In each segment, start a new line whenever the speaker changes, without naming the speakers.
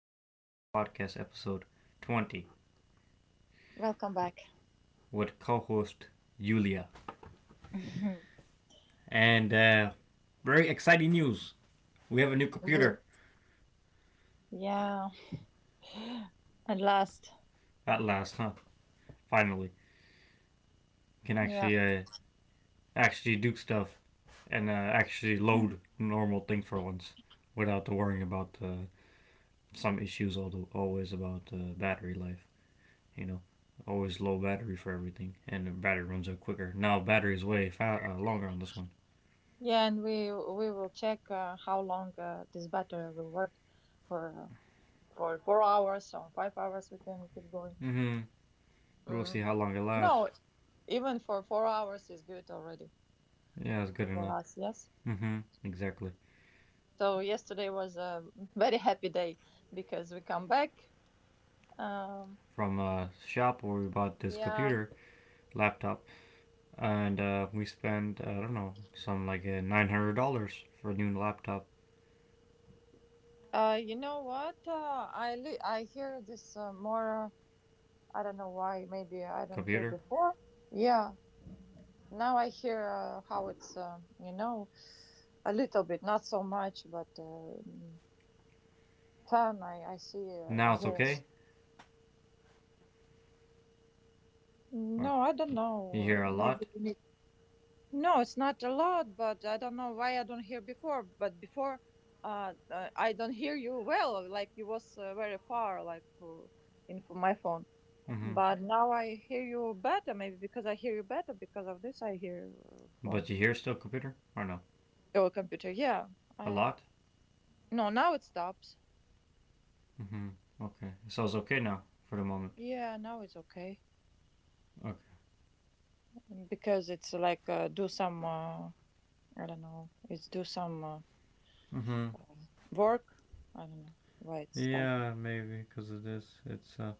to Any Talk Podcast episode 20
Welcome back.
with co host Yulia. And Very exciting news, we have a new
Woo.
computer
Yeah. At last.
at last, huh? Finally, we can
Yeah.
actually do stuff and actually load normal things for once without worrying about some issues, although always about battery life, you know. Always low battery for everything, and the battery runs out quicker. Now battery is way longer on this one.
Yeah, and we will check how long this battery will work for for 4 hours or 5 hours. We can keep going.
hmm We'll see
Mm.
how long it lasts.
No, even for 4 hours is good already
Yeah, that's good
for
enough.
us. Yes.
Mm-hmm. Exactly.
So yesterday was a very happy day because we come back. Um,
From a shop where we bought this
yeah.
computer laptop, and we spent I don't know some like $900 for a new laptop
You know what? I hear this more. I don't know why. Maybe I don't hear
computer.
before. Yeah, now I hear how it's, a little bit, not so much, but fan. I see.
Now
I
it's
hear
okay,
it.
or
No, I don't
you hear
know.
a
Maybe
lot.
you need. No, it's not a lot, but I don't know why I don't hear before. But before, I don't hear you well. Like you was very far, like for, in for my phone.
Mm-hmm.
But now I hear you better. Maybe because I hear you better because of this, I hear
But
phone.
you hear still computer or no?
Oh, computer. Yeah.
A
I
lot.
No. Now it stops.
Mm-hmm. Okay, so it's okay now for the moment.
Yeah. Now it's okay
Okay.
because it's like do some. I don't know. It's do some
Mm-hmm.
work. I don't know why it started.
Yeah, maybe because of this, it's.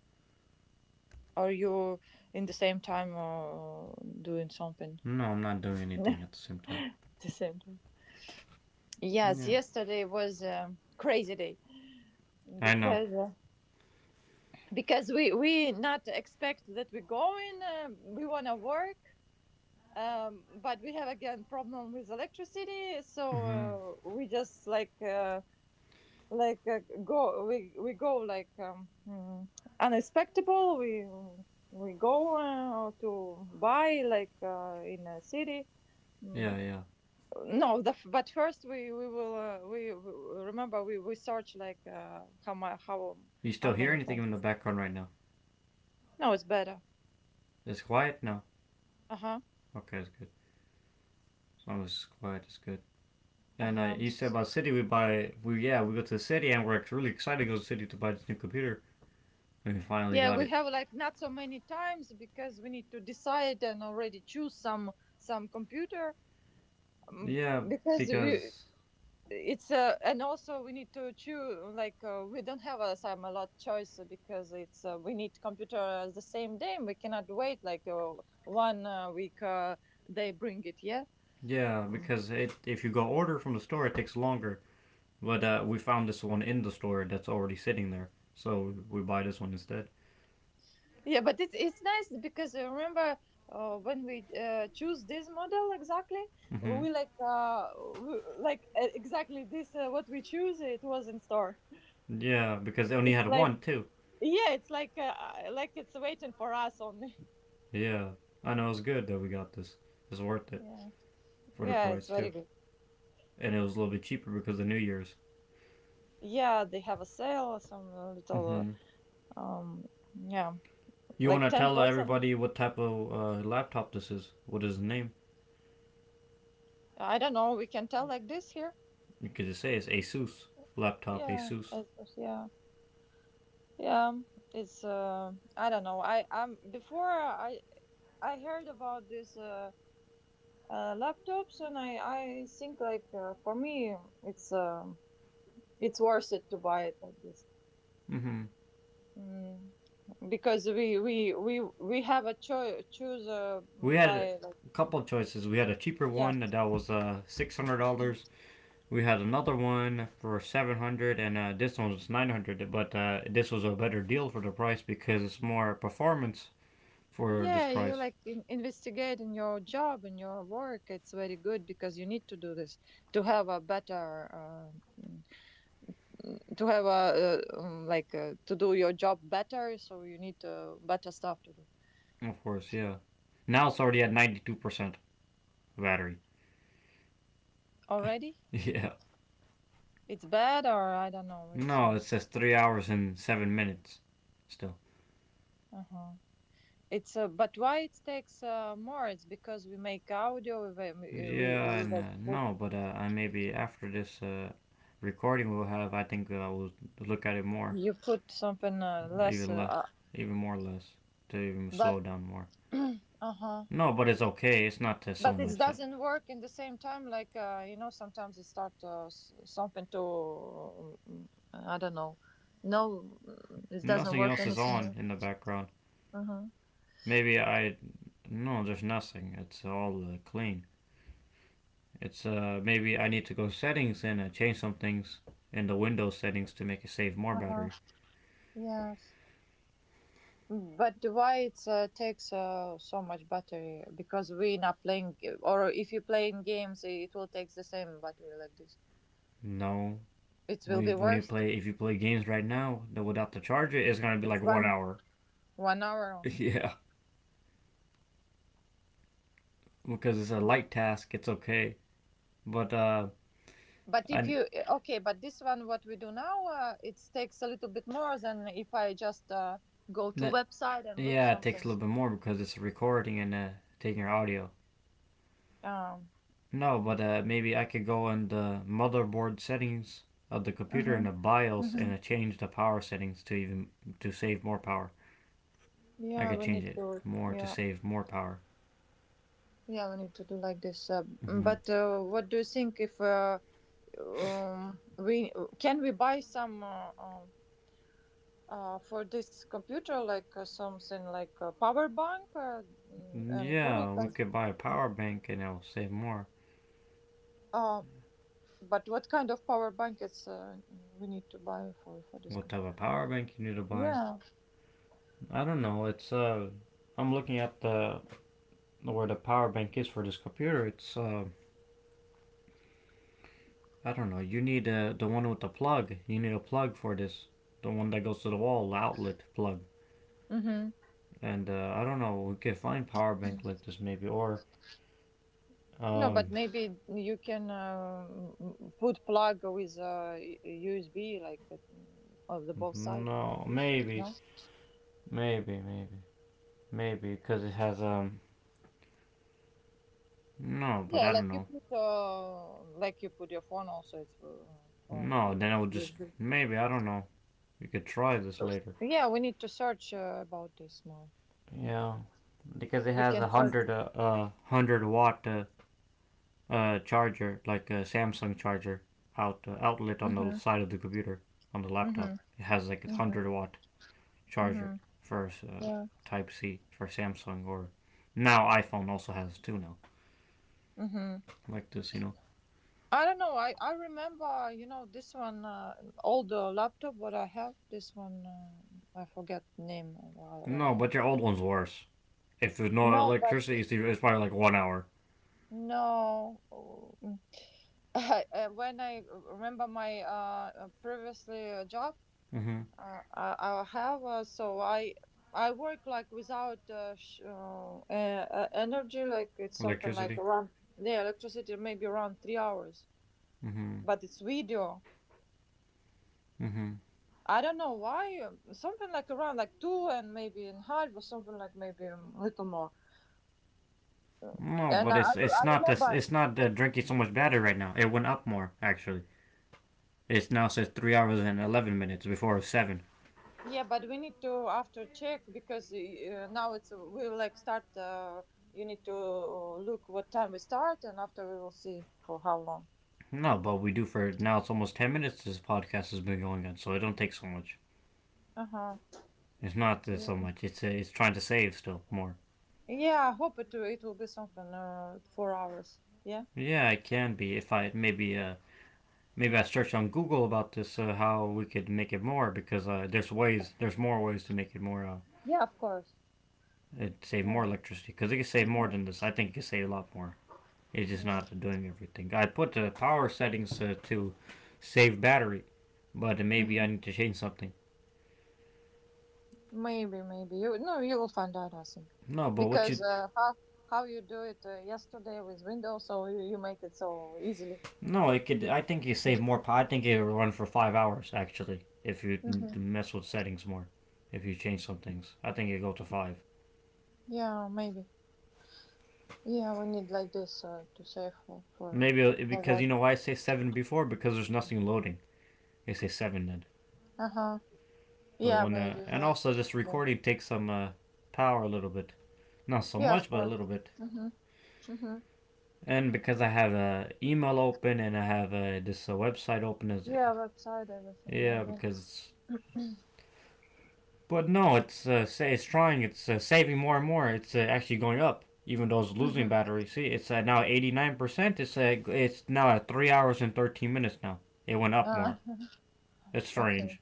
Are you in the same time doing something?
No, I'm not doing anything at the same time.
The same time. Yes.
Yeah.
Yesterday was a crazy day
I know.
because uh, because we not expect that we're going. We wanna work, but we have again problem with electricity,
Mm-hmm.
so we just like go we go like unexpected, we go to buy like in a city. Mm,
Yeah, yeah.
no, but first we will, we remember, we search like how
You
how
still hear
many
anything in the
times.
background right now?
No, it's better.
It's quiet now.
Uh-huh.
Okay, that's good. As long as it's quiet, it's good. And
Uh-huh.
You said about city, we buy we yeah, we go to the city and we're really excited to go to the city to buy this new computer. And we finally
Yeah,
got
we
it.
have like not so many times because we need to decide and already choose some computer, um,
Yeah,
because we
because
it's and also we need to choose like we don't have some a lot choice because it's we need computer the same day. We cannot wait like one week they bring it. Yeah.
yeah, because it if you go order from the store, it takes longer. But we found this one in the store that's already sitting there, so we buy this one instead.
Yeah, but it's nice because remember, when we choose this model exactly,
Hmm,
we like exactly this, what we choose. It was in store.
yeah, because they only
It's
had
like
one too.
yeah, it's like it's waiting for us only.
Yeah, I know it's good that we got this. It's worth it
Yeah,
for the
yeah, it's
price
very
too.
good.
And it was a little bit cheaper because of New Year's.
Yeah, they have a sale, some little,
Mm-hmm.
uh, um yeah,
You want
like
to
ten
tell
percent.
everybody what type of laptop this is? What is the name?
I don't know. We can tell like this here.
You could just say it's Asus laptop.
Yeah,
Asus.
yeah, yeah. It's I don't know. I before I heard about this laptops, and I think like for me it's um it's worth it to buy it like this.
Mm-hmm.
Mm, because we have a choose
We had a
by like.
couple of choices. We had a cheaper
Yeah,
one that was $600. We had another one for $700, and this one was $900. But this was a better deal for the price because it's more performance for this
yeah, you
price.
like investigate in your job, in your work. It's very good because you need to do this to have a better, uh, mm, to have a, to do your job better, so you need better stuff to do.
Of course, yeah. Now it's already at 92% battery.
Already.
Yeah.
It's bad or I don't know, it's,
No, it says 3 hours and 7 minutes. Still.
uh-huh. It's, but why it takes, more? It's because we make audio, we-
Yeah,
you,
and
like, put,
no, but I maybe after this recording we'll have. I think I will look at it more,
you put something, less,
even less, even more less, to even slow
but,
down more.
uh-huh.
No, but it's okay. It's not so
But it
much.
doesn't work in the same time, like, sometimes it start, something to, I don't know. No, it doesn't
Nothing
work
else is
anything
on
else.
in the background.
Uh-huh.
Maybe I. No, there's nothing. It's all clean. It's maybe I need to go settings and change some things in the Windows settings to make it save more
Uh-huh.
battery.
Yes. But why it takes so much battery? Because we're not playing, or if you play in games, it will take the same battery like this.
No,
It
When
will
you,
be
when you
worse.
play, if you play games right now that without the charger, it's gonna be
It's
like one
one
hour.
one hour only.
Yeah, because it's a light task, it's okay. But
But if
I
you okay, but this one what we do now, it takes a little bit more than if I just go to
that
website and look
yeah, it
something.
takes a little bit more because it's recording and taking your audio.
Um.
No, but maybe I could go in the motherboard settings of the computer in
Hmm.
the BIOS
Hmm.
and change the power settings to even to save more power. I
Yeah,
could
we
change
need
it
to.
more to
Yeah,
save more power.
yeah, we need to do like this. Uh,
Hmm,
but what do you think if? We can we buy some, for this computer like something like a power bank, and put it
yeah, we
like,
could buy a power bank and it'll save more.
uh, but what kind of power bank is we need to buy for this
What type of
computer?
power bank you need to buy.
Yeah.
I don't know. It's I'm looking at the where the power bank is for this computer. It's I don't know. You need the one with the plug. You need a plug for this. The one that goes to the wall, the outlet plug.
Mm-hmm.
And I don't know. We could find power bank like this maybe, or
No, but
um,
maybe you can, put plug with a USB like of the both side like
no,
this. No,
maybe, maybe, maybe, because it has no, but
yeah,
I don't know.
like you put your phone also. It's for
No,
you
then
put
I would just
USB.
maybe I don't know. We could try this
Uh,
later.
Yeah, we need to search about this more.
Yeah, because it
We
has a
can search.
hundred watt charger, like a Samsung charger outlet on the
Mm-hmm.
side of the computer on the
Mm-hmm.
laptop. It has like a
Mm-hmm.
hundred-watt charger
Mm-hmm.
for
Yeah.
Type C for Samsung or now iPhone also has two now
Mm-hmm.
like this.
I don't know. I remember, this one, old laptop, what I have. This one, I forget name of what I
No, but
have.
your old one's worse. If there's no
No, but
electricity, it's probably like one hour.
no. When I remember my previously job.
Mm-hmm.
I have so I work like without energy, like it's something like
Electricity.
around the electricity, maybe around 3 hours,
Mm-hmm.
but it's video.
Mm-hmm.
I don't know why, something like around like two and maybe in half, or something like maybe a little more.
No,
And
but
I, I
it's
I
not this.
remember.
It's not drinking so much batter right now. It went up more actually. It now says 3 hours and 11 minutes before seven.
Yeah, but we need to after check because now it's we will like start. You need to look what time we start, and after we will see for how long.
No, but we do for now. It's almost 10 minutes. This podcast has been going on, so it don't take so much.
Uh-huh.
It's not so much. It's trying to save still more.
Yeah, I hope it will be something 4 hours. Yeah,
Yeah, it can be if I maybe I search on Google about this how we could make it more because there's more ways to make it more
yeah, of course.
it save more
Yeah,
electricity because it can save more than this. I think it can save a lot more. It's just
yeah.
not doing everything. I put the power settings to save battery, but maybe I
Mhm.
need to change something.
Maybe you no, you will find out. I think
No, but what
because
you
how you do it yesterday with Windows, so you make it so easily.
no, it could. I think you save more. I think it will run for 5 hours actually if you
Hmm.
mess with settings more. If you change some things, I think it go to five.
Yeah, maybe. Yeah, we need like this to save
Maybe
for
because you
work.
know why I say seven before because there's nothing loading. They say seven then.
Uh huh.
But
Yeah,
when
maybe.
and
Yeah.
also this
Yeah,
recording takes some power a little bit, not so
yeah, of
much, but a little
course.
bit.
Mhm. Mhm.
And because I have a email open and I have this website open as
Yeah, website, everything. Yeah.
yeah, because but no it's say it's trying, it's saving more and more. It's actually going up even though it's losing battery. See, it's now 89%. It's it's now at 3 hours and 13 minutes now. It went up
Ah.
more. That's
Okay.
strange.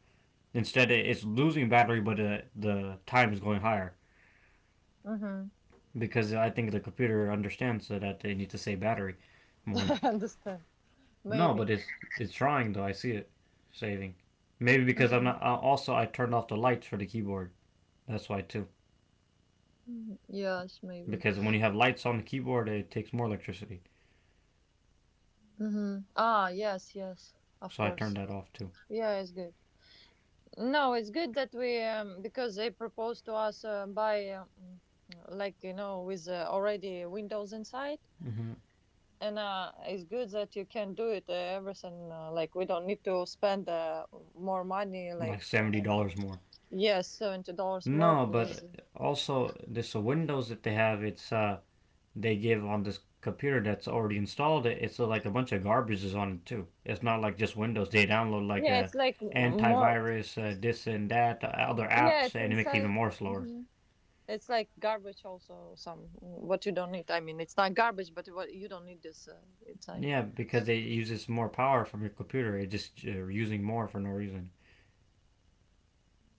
Instead it's losing battery, but the time is going higher
Mhm.
because I think the computer understands that they need to save battery more.
I understand.
No, but
Maybe.
it's trying though. I see it saving. Maybe because I'm
Mhm.
not. Also, I turned off the lights for the keyboard. That's why too.
Mm, yes, maybe.
Because when you have lights on the keyboard, it takes more electricity.
Hmm. Ah, yes, yes, of
So I turned
course.
that off too.
Yeah, it's good. No, it's good that we, because they proposed to us by, like with already Windows inside,
hmm
and it's good that you can do it everything like, we don't need to spend more money like
Like seventy
I don't know.
dollars more.
Yes, $70 more
No,
for with.
but also this Windows that they have, it's they give on this computer that's already installed it. It's like a bunch of garbage is on it too. It's not like just Windows. They download like
Yeah,
a
it's like more.
antivirus, this and that, other
Yeah,
apps,
it's
and it makes it even
inside.
more slower.
Mhm. It's like garbage also, some what you don't need. I mean, it's not garbage, but what you don't need this. It's like
Yeah, because it uses more power from your computer. It's just using more for no reason.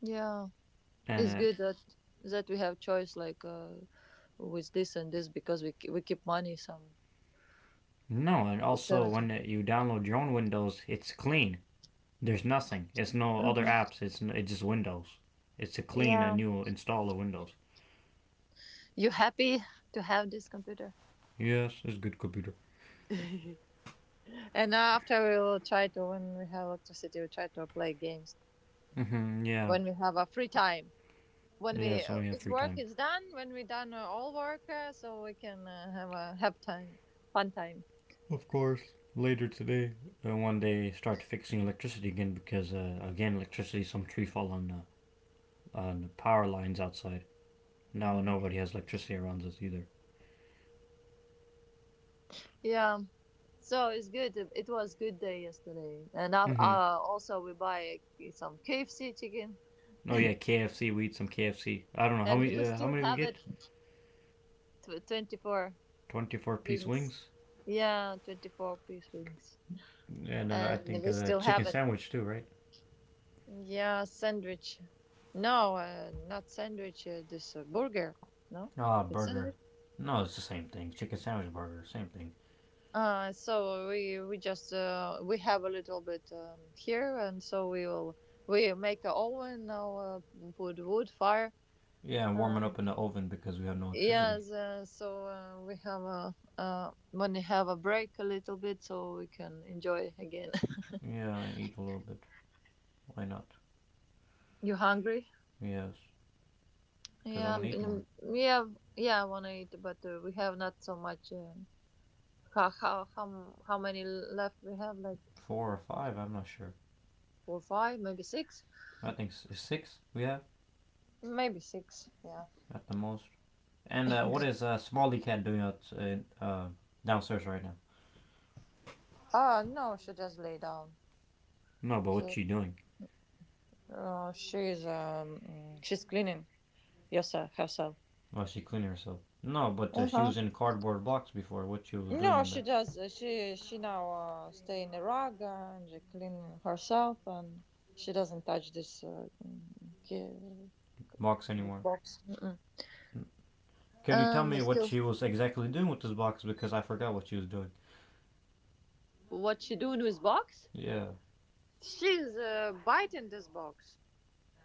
yeah,
And
it's good that we have choice like with this and this because we we keep money some.
No, and
It's
also
70.
when you download your own Windows, it's clean. There's nothing. It's no other
Mm-hmm.
apps. It's it's just Windows. It's a clean and
Yeah,
new install of Windows.
you happy to have this computer?
Yes, it's good computer.
And after we will try to, when we have electricity, we try to play games
Hmm, yeah,
when we have a free time. When we
yeah. It's we have
with
free
work
time.
is done, when we done all work, so we can have a have time, fun time.
And one day start fixing electricity again, because again electricity, some tree fall on the power lines outside. Now
Hmm.
nobody has electricity around us either.
Yeah, so it's good, it was good day yesterday. And
Hmm,
also we buy some KFC chicken,
oh yeah, KFC. We eat some KFC. I don't know how
and
many.
we
How
still
many we
have
get?
it. Tw 24
24 piece
wings.
wings,
Yeah, 24-piece wings,
and I
and
think
we
a
still have
chicken
it.
sandwich too, right?
Yeah, sandwich. No, not sandwich, this, burger. No,
Ah, oh,
it's
burger.
sandwich.
No, it's the same thing. Chicken sandwich burger, same thing.
So we just we have a little bit here, and so we will, we make a oven now, put wood fire.
Yeah, and warm it
Uh,
up in the oven because we have no electricity.
yes, so we have a, when we have a break a little bit, so we can enjoy again.
Yeah, I eat a little bit. Why not?
You hungry?
Yes, because I
Yeah,
want to eat more.
yeah, yeah. I wanna eat, but we have not so much. How how many left we have? Like
Four or five, I'm not sure.
four, five, maybe six,
I think six we have
maybe six. Yeah.
at the most. And what is Smalley Cat doing out downstairs right now?
Ah, no, she just lay down.
No, but what's
She,
she doing?
she's cleaning yourself, herself.
Oh, she cleaned herself. No, but
Uh
she
huh.
was in cardboard box before. What she was
No,
doing in
she
there?
does. She now stay in Iraq and she clean herself, and she doesn't touch ki-
Box
this
anymore?
box. Mm-mm.
Can you tell
But
me what
still,
she was exactly doing with this box? Because I forgot what she was doing.
what she doing with box?
Yeah,
She's biting this box.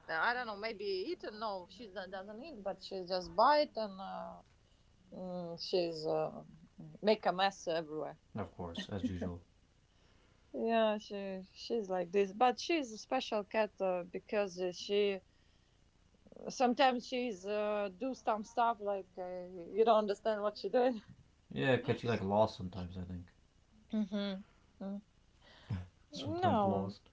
Now, I don't know, maybe eat? No, she doesn't eat, but she just bite and, she's, make a mess everywhere.
of course, as usual.
Yeah, she's like this, but she's a special cat because she sometimes she's do some stuff like you don't understand what she did.
Yeah, 'cause she like lost sometimes. I think
Mm-hmm. Mm.
sometimes
No,
lost.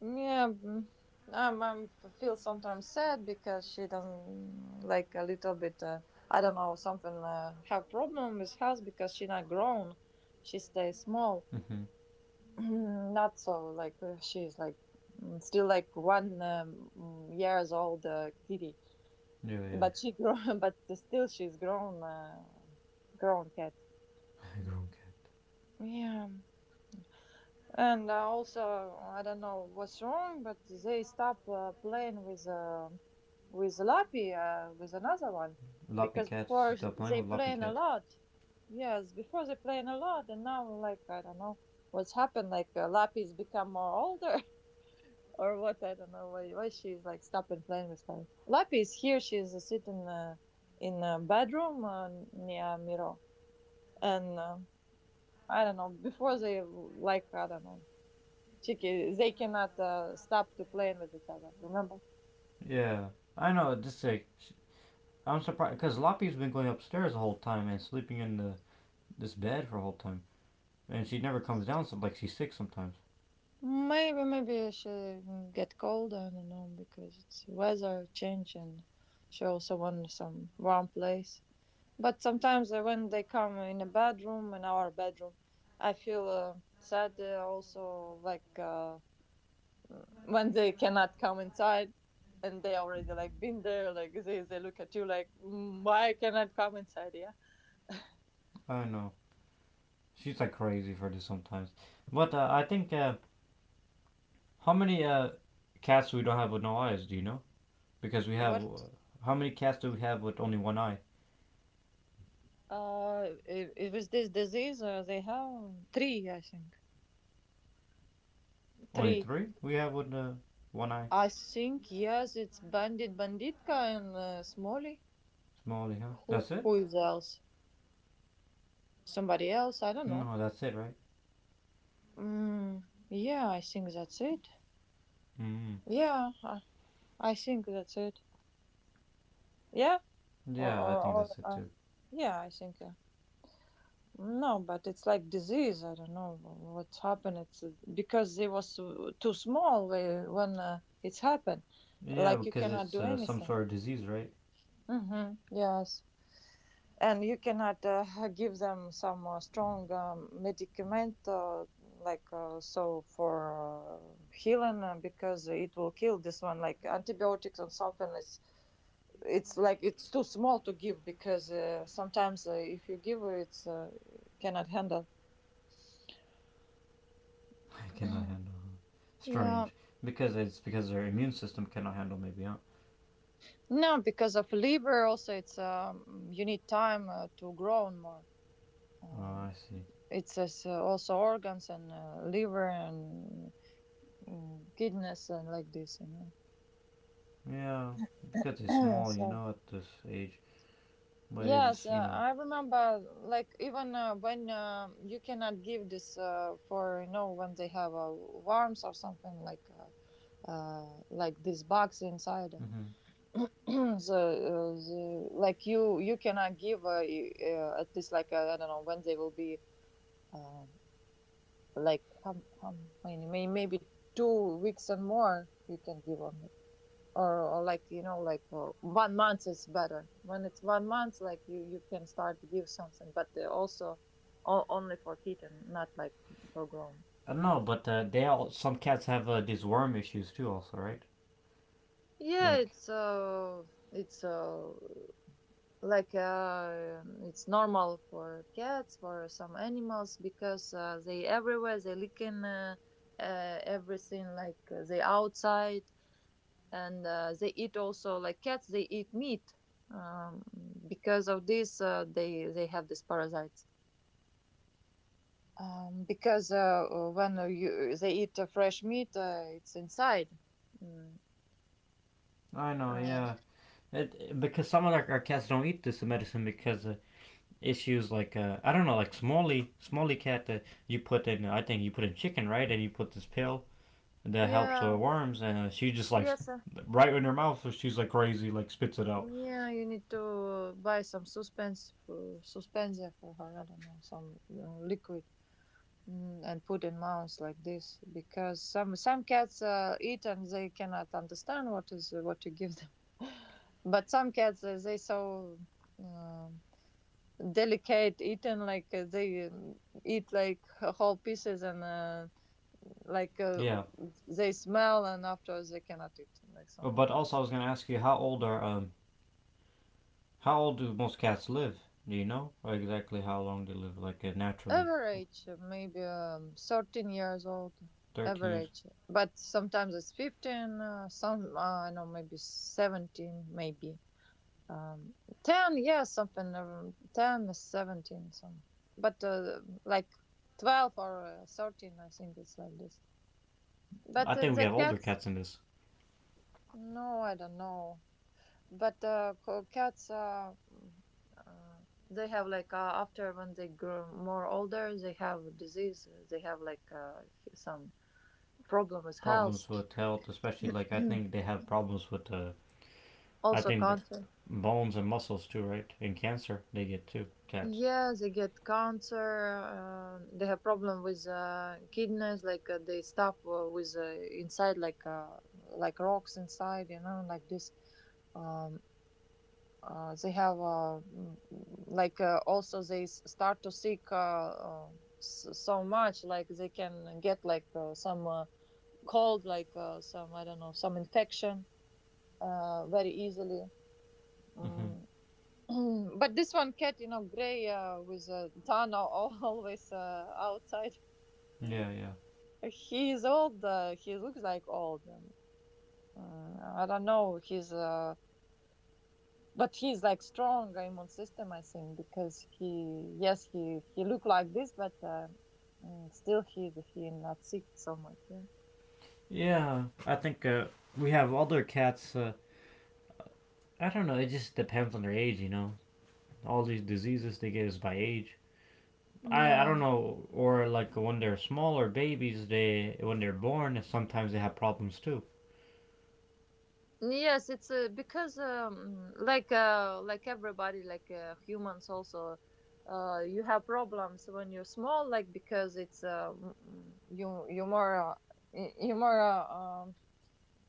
yeah, I'm feel sometimes sad because she doesn't like a little bit. I don't know, something have problem with health because she not grown. She stays small.
Mhm.
Mm, not so. Like she's like still like one years old kitty,
Yeah, yeah.
but she grown, but still she's grown, grown cat.
Grown cat.
Yeah, and also I don't know what's wrong, but they stop playing with Lappy, with another one,
Loppy
because
cat. She
before
stopped playing
they
with Loppy
playing a
cat.
lot. Yes, before they playing a lot, and now like I don't know what's happened. Like Lappy's become more older, or what I don't know why she's like stopping playing with her. Lappy is here. She's sitting in a bedroom near Miro, and I don't know. Before they like I don't know. She they cannot stop to playing with each other. Remember?
Yeah, I know. Just like sh I'm surprised because Loppy's been going upstairs the whole time and sleeping in the this bed for the whole time, and she never comes down. So like she's sick sometimes.
Maybe she get cold. I don't know because it's weather change and she also want some warm place. But sometimes when they come in a bedroom, in our bedroom, I feel sad. Also, like when they cannot come inside, and they already like been there. Like they look at you like, "Mm, why I cannot come inside?" Yeah.
I know. She's like crazy for this sometimes. But I think how many cats we don't have with no eyes? Do you know? Because we have
What?
how many cats do we have with only one eye?
It was this disease. They have three, I think.
Only
Three.
three. We have with one eye.
I think yes. It's Bandit Banditka and Smoley.
Smalley, huh?
Who
That's it?
who is else? Somebody else? I don't know.
No, that's it, right?
Mm, yeah, I think that's it.
Mm.
Yeah, I think that's it. Yeah, or
Yeah, I
or,
think
or
that's it
uh,
too.
yeah, I think no, but it's like disease. I don't know what's happened. It's because it was too small when it's happened.
Yeah,
Like you
because
cannot
it's
do
some
anything.
sort of disease, right?
Mm-hmm. Yes. And you cannot give them some strong medicament, like so for healing, because it will kill this one like antibiotics or something. It's like it's too small to give because sometimes, if you give it, it's cannot handle.
I cannot handle.
Yeah,
Strange, because it's because their immune system cannot handle maybe, huh?
no, because of liver also, it's, you need time to grow more,
Oh,
um,
I see.
it's as, also organs and liver and kidneys and like this, you know.
Yeah, because they're small,
Sorry.
at this age. But
Yes,
it's you know
I remember. Like even when you cannot give this for you know when they have worms or something, like this box inside.
hmm
the, uh, the like you cannot give at least like, I don't know, when they will be uh, like how many, maybe 2 weeks and more you can give only. Or like, you know, like one month is better. When it's one month, like you can start to give something, but they also only for kitten, not like for grown.
I don't know, but they all some cats have these worm issues too, also, right?
Yeah,
Like
it's like it's normal for cats, for some animals, because they everywhere, they lick in, everything, like they outside, and they eat also. Like cats, they eat meat, um, because of this they have these parasites, because when you they eat fresh meat, it's inside. Mm,
I know,
uh,
yeah. It, because some of our cats don't eat this medicine because issues like I don't know, like Smalley, Smalley cat that you put in, I think you put in chicken, right? And you put this pill that helps
yeah,
worms, and she just like
yes,
right in her mouth, so she's like crazy, like spits it out.
yeah, you need to buy some suspensia for her. I don't know, some, you know, liquid. Mm, and put in mouths like this, because some cats eat and they cannot understand what is what you give them. But some cats, they so um delicate eating, like they, eat like whole pieces, and like
Yeah.
they smell and after they cannot eat like something
But
like
also I
this.
was gonna ask you, how old do most cats live? Do you know or exactly how long they live, like naturally?
Average, maybe, 13 years old,
13 years.
average. But sometimes it's 15, some, I know, maybe 17, maybe. Um, 10, yeah, something, 10, 17, some. But like 12 or 13, I think it's like this. But
I think we
the
have older
cats,
cats in this.
no, I don't know. But cats, uh, they have like, after when they grow more older, they have disease. They have like, some problem with health.
Problems with health, especially like I
Mm.
think they have problems with I
Also
think their
cancer.
bones and muscles too, right? And cancer they get too. Cats.
Yeah, they get cancer. They have problem with kidneys, like, they stop, with, inside, like, like rocks inside, you know, like this. Um, they have, like, also they start to seek, uh, so much, like they can get like, some, cold, like, some, I don't know, some infection, very easily.
Mm-hmm.
Mm. But this one cat, you know, gray with a tan, always outside,
Yeah, yeah,
he is old, he looks like old, I don't know, he's, but he's like strong immune system, I think, because he, yes, he look like this, but, still he not sick so much. Yeah
yeah. I think we have older cats. I don't know. It just depends on their age, you know. All these diseases they get is by age. I
yeah,
don't know. Or like when they're smaller babies, they when they're born, sometimes they have problems too.
yes, it's, because, like, like everybody, like humans also, you have problems when you're small, like, because it's, you, you more, you more,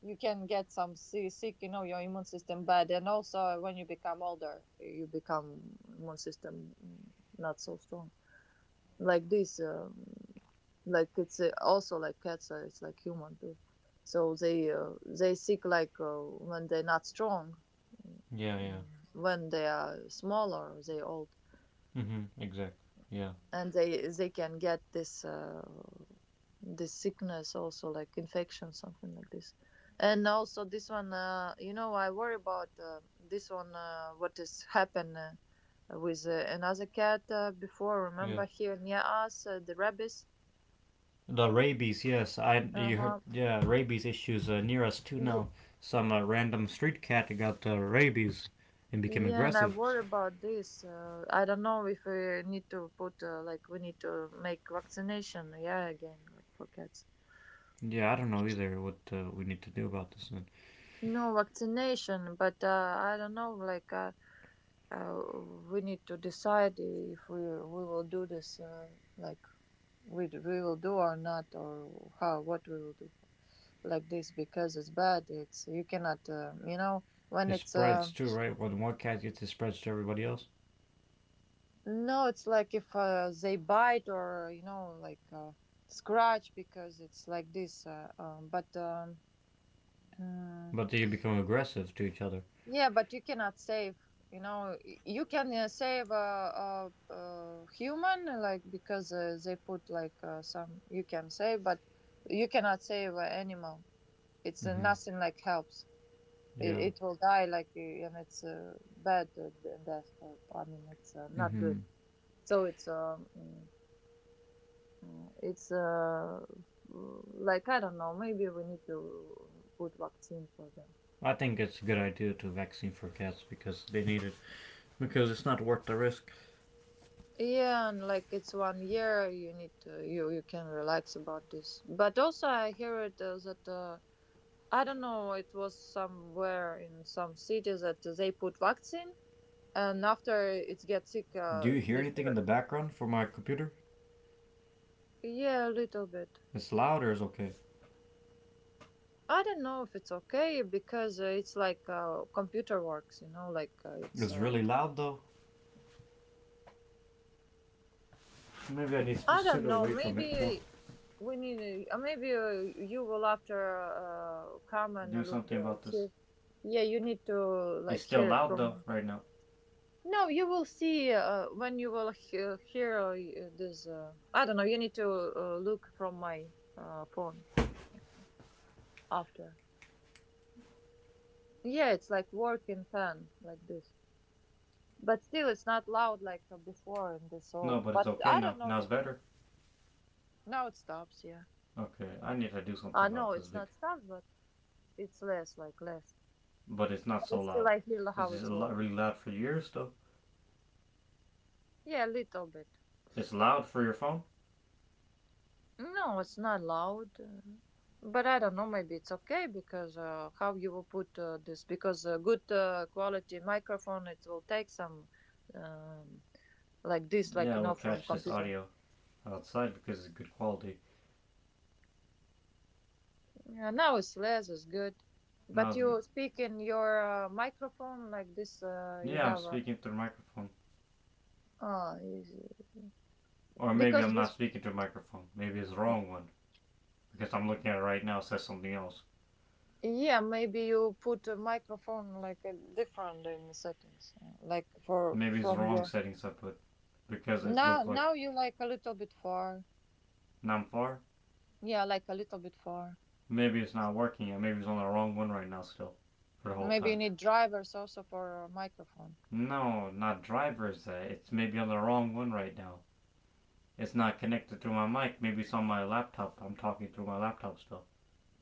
you can get some sick, you know, your immune system bad. And also when you become older, you become immune system, not so strong like this, like it's, also like cats, it's like human too, so they, they sick, like, when they're not strong. Mm,
Yeah, yeah.
mm, when they are smaller, they old,
Mm-hmm. Exactly. Yeah.
and they can get this, this sickness also, like infection, something like this. And also this one, you know, I worry about this one, what has happened, with another cat, before, remember,
Yes.
here near us, the rabbits.
The rabies, yes,
Uh-huh.
yeah, rabies issues near us too now. Some random street cat got rabies and became
Yeah, and I
aggressive.
worry about this, I don't know if we need to put, like we need to make vaccination, yeah, again, like for cats.
Yeah, I don't know either what we need to do about this. And
No vaccination, but, I don't know, like, uh, we need to decide if we we will do this, like we will do or not, or how, what we will do, like this, because it's bad. It's, you cannot, you know, when
it
it's,
spreads too, right? When one cat gets it spreads to everybody else,
no, it's like if, they bite or you know, like, scratch, because it's like this, mm,
but they become aggressive to each other.
yeah, but you cannot save. You know, you can, save a human, like, because they put, like, some. You can save, but you cannot save an animal. It's,
Hmm
nothing like helps. It,
Yeah.
it will die, like, and it's, bad, death. Or, I mean, it's, not good.
hmm
So it's, it's, like I don't know. Maybe we need to put vaccine for them.
I think it's a good idea to vaccine for cats because they need it because it's not worth the risk.
Yeah, and like it's one year, you need to, you can relax about this. But also, I hear it, that, I don't know, it was somewhere in some cities that they put vaccine, and after it gets sick,
Do you hear
this
anything in
hurt.
the background for my computer?
Yeah, a little bit.
It's loud or it's okay?
I don't know if it's okay because, it's like, computer works, you know, like, it's
It's really loud though. Maybe I need to
I don't
sit
know.
away from it more.
Maybe we need. Maybe, you will after, come and
Do
look,
something about this.
here. Yeah, you need to
It's
like
still
hear it
loud though,
from.
right now.
No, you will see, when you will hear, this. I don't know. You need to, look from my, phone, after. Yeah, it's like working fan, like this, but still it's not loud like, before, in this old.
No, but it's
But
okay
I don't
now. Now
know.
it's better.
Now it stops. Yeah.
Okay, I need to do something
No,
about this,
it's
Vic.
not stopped, but it's less, like less.
But it's not so
But still,
loud.
I hear
It's
how
just
it
a lot,
works.
really loud for yours though.
Yeah, a little bit.
It's loud for your phone?
No, it's not loud, but I don't know. Maybe it's okay because, how you will put, this? Because a good, quality microphone, it will take some, um, like this, like,
Yeah,
you
we'll
know, from
catch this
computer.
audio outside because it's good quality.
Yeah, now it's less. It's good.
Now
But
it's
you
good.
speak in your, microphone, like this. You
Yeah, I'm
have.
speaking through the microphone.
Ah, is-
Or maybe I'm not
because.
speaking to the microphone. Maybe it's the wrong one. Because I'm looking at it right now, it says something else.
Yeah, maybe you put a microphone, like a different in the settings, like, for
Maybe it's the
from
wrong
your.
settings I put. Because it
Now,
looks like
now you like a little bit far.
now I'm far.
Yeah, like a little bit far.
Maybe it's not working yet. Maybe it's on the wrong one right now still. For the whole
Maybe you
time.
need drivers also for a microphone.
No, not driver's ed. It's maybe on the wrong one right now. It's not connected to my mic. Maybe it's on my laptop. I'm talking through my laptop still.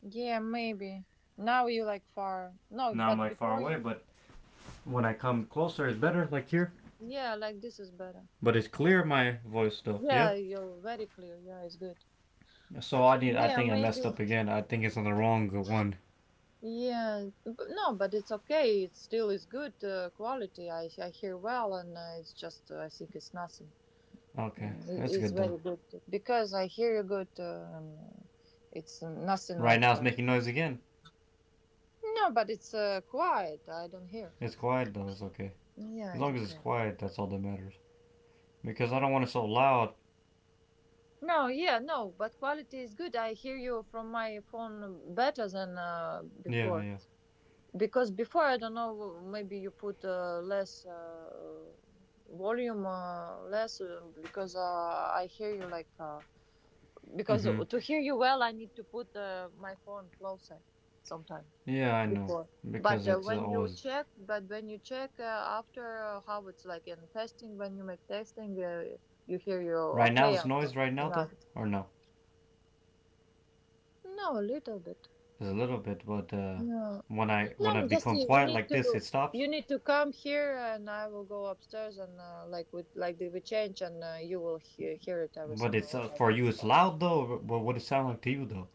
Yeah, maybe. Now you like far. No,
Now I'm
but
like far
before
away,
you.
but when I come closer, it's better, like here.
Yeah, like this is better.
But it's clear my voice still.
Yeah,
Yeah.
you're very clear. Yeah, it's good.
So I need. I
Yeah,
think I
maybe.
messed up again. I think it's on the wrong one.
Yeah, no, but it's okay. It still is good, quality. I hear well, and, it's just, I think it's nothing.
Okay,
Mm,
that's
it's
good though.
very good, because I hear you good, and, it's nothing
Right
like,
now it's making noise again.
no, but it's, quiet. I don't hear.
It's quiet though. It's okay.
Yeah,
As
it's
long as it's
okay.
quiet, that's all that matters. Because I don't want it so loud.
No, yeah, no, but quality is good. I hear you from my phone better than,
Yeah,
before,
yeah.
because before I don't know. Maybe you put, less, volume, less, because, I hear you like, because
Mm-hmm.
to hear you well, I need to put, my phone closer sometimes.
Yeah, I know.
Before, but,
Because it's
when you
always
check, but when you check, after, how it's like in testing, when you make testing, you hear you,
right now.
okay,
It's
after,
noise right
you
now,
know.
though, or no?
No, a little bit.
It's a little bit, but
No,
when I
no, just
become
you, we
quiet
need
like
to,
this, it stops.
you need to come here and I will go upstairs, and, like with, like they will change, and, you will hear, hear it
But
everything,
it's
what I'm
for
talking
you. It's
about.
loud though. But what does it sound like to you though?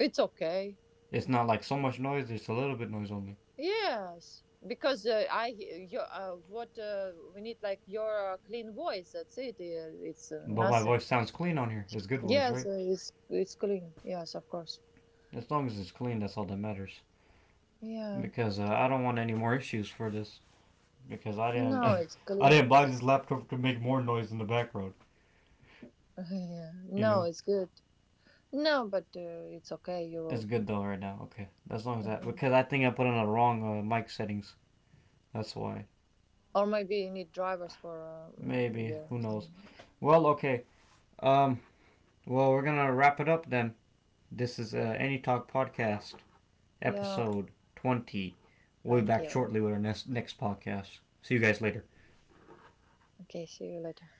It's okay,
It's not like so much noise. It's a little bit noise only.
yes, because, I your, what, we need, like your, clean voice, that's it, it's,
But my
nothing.
voice sounds clean on here. It's good voice,
Yes,
right?
it's clean. Yes, of course.
As long as it's clean, that's all that matters.
Yeah.
Because I don't want any more issues for this. Because I didn't
No, it's
I didn't
clean.
buy this laptop to make more noise in the background.
Yeah.
You
No,
know.
it's good. No, but, it's okay. You
It's
will.
good though right now. Okay, as long as that
Mhm.
because I think I put on the wrong mic settings. That's why.
Or maybe you need drivers for,
Maybe
your.
who knows? Well, okay. Um. Well, we're gonna wrap it up then. This is Any Talk podcast
Yeah,
episode 20. We'll be
20.
back
Right.
shortly with our next podcast. See you guys later.
Okay. See you later.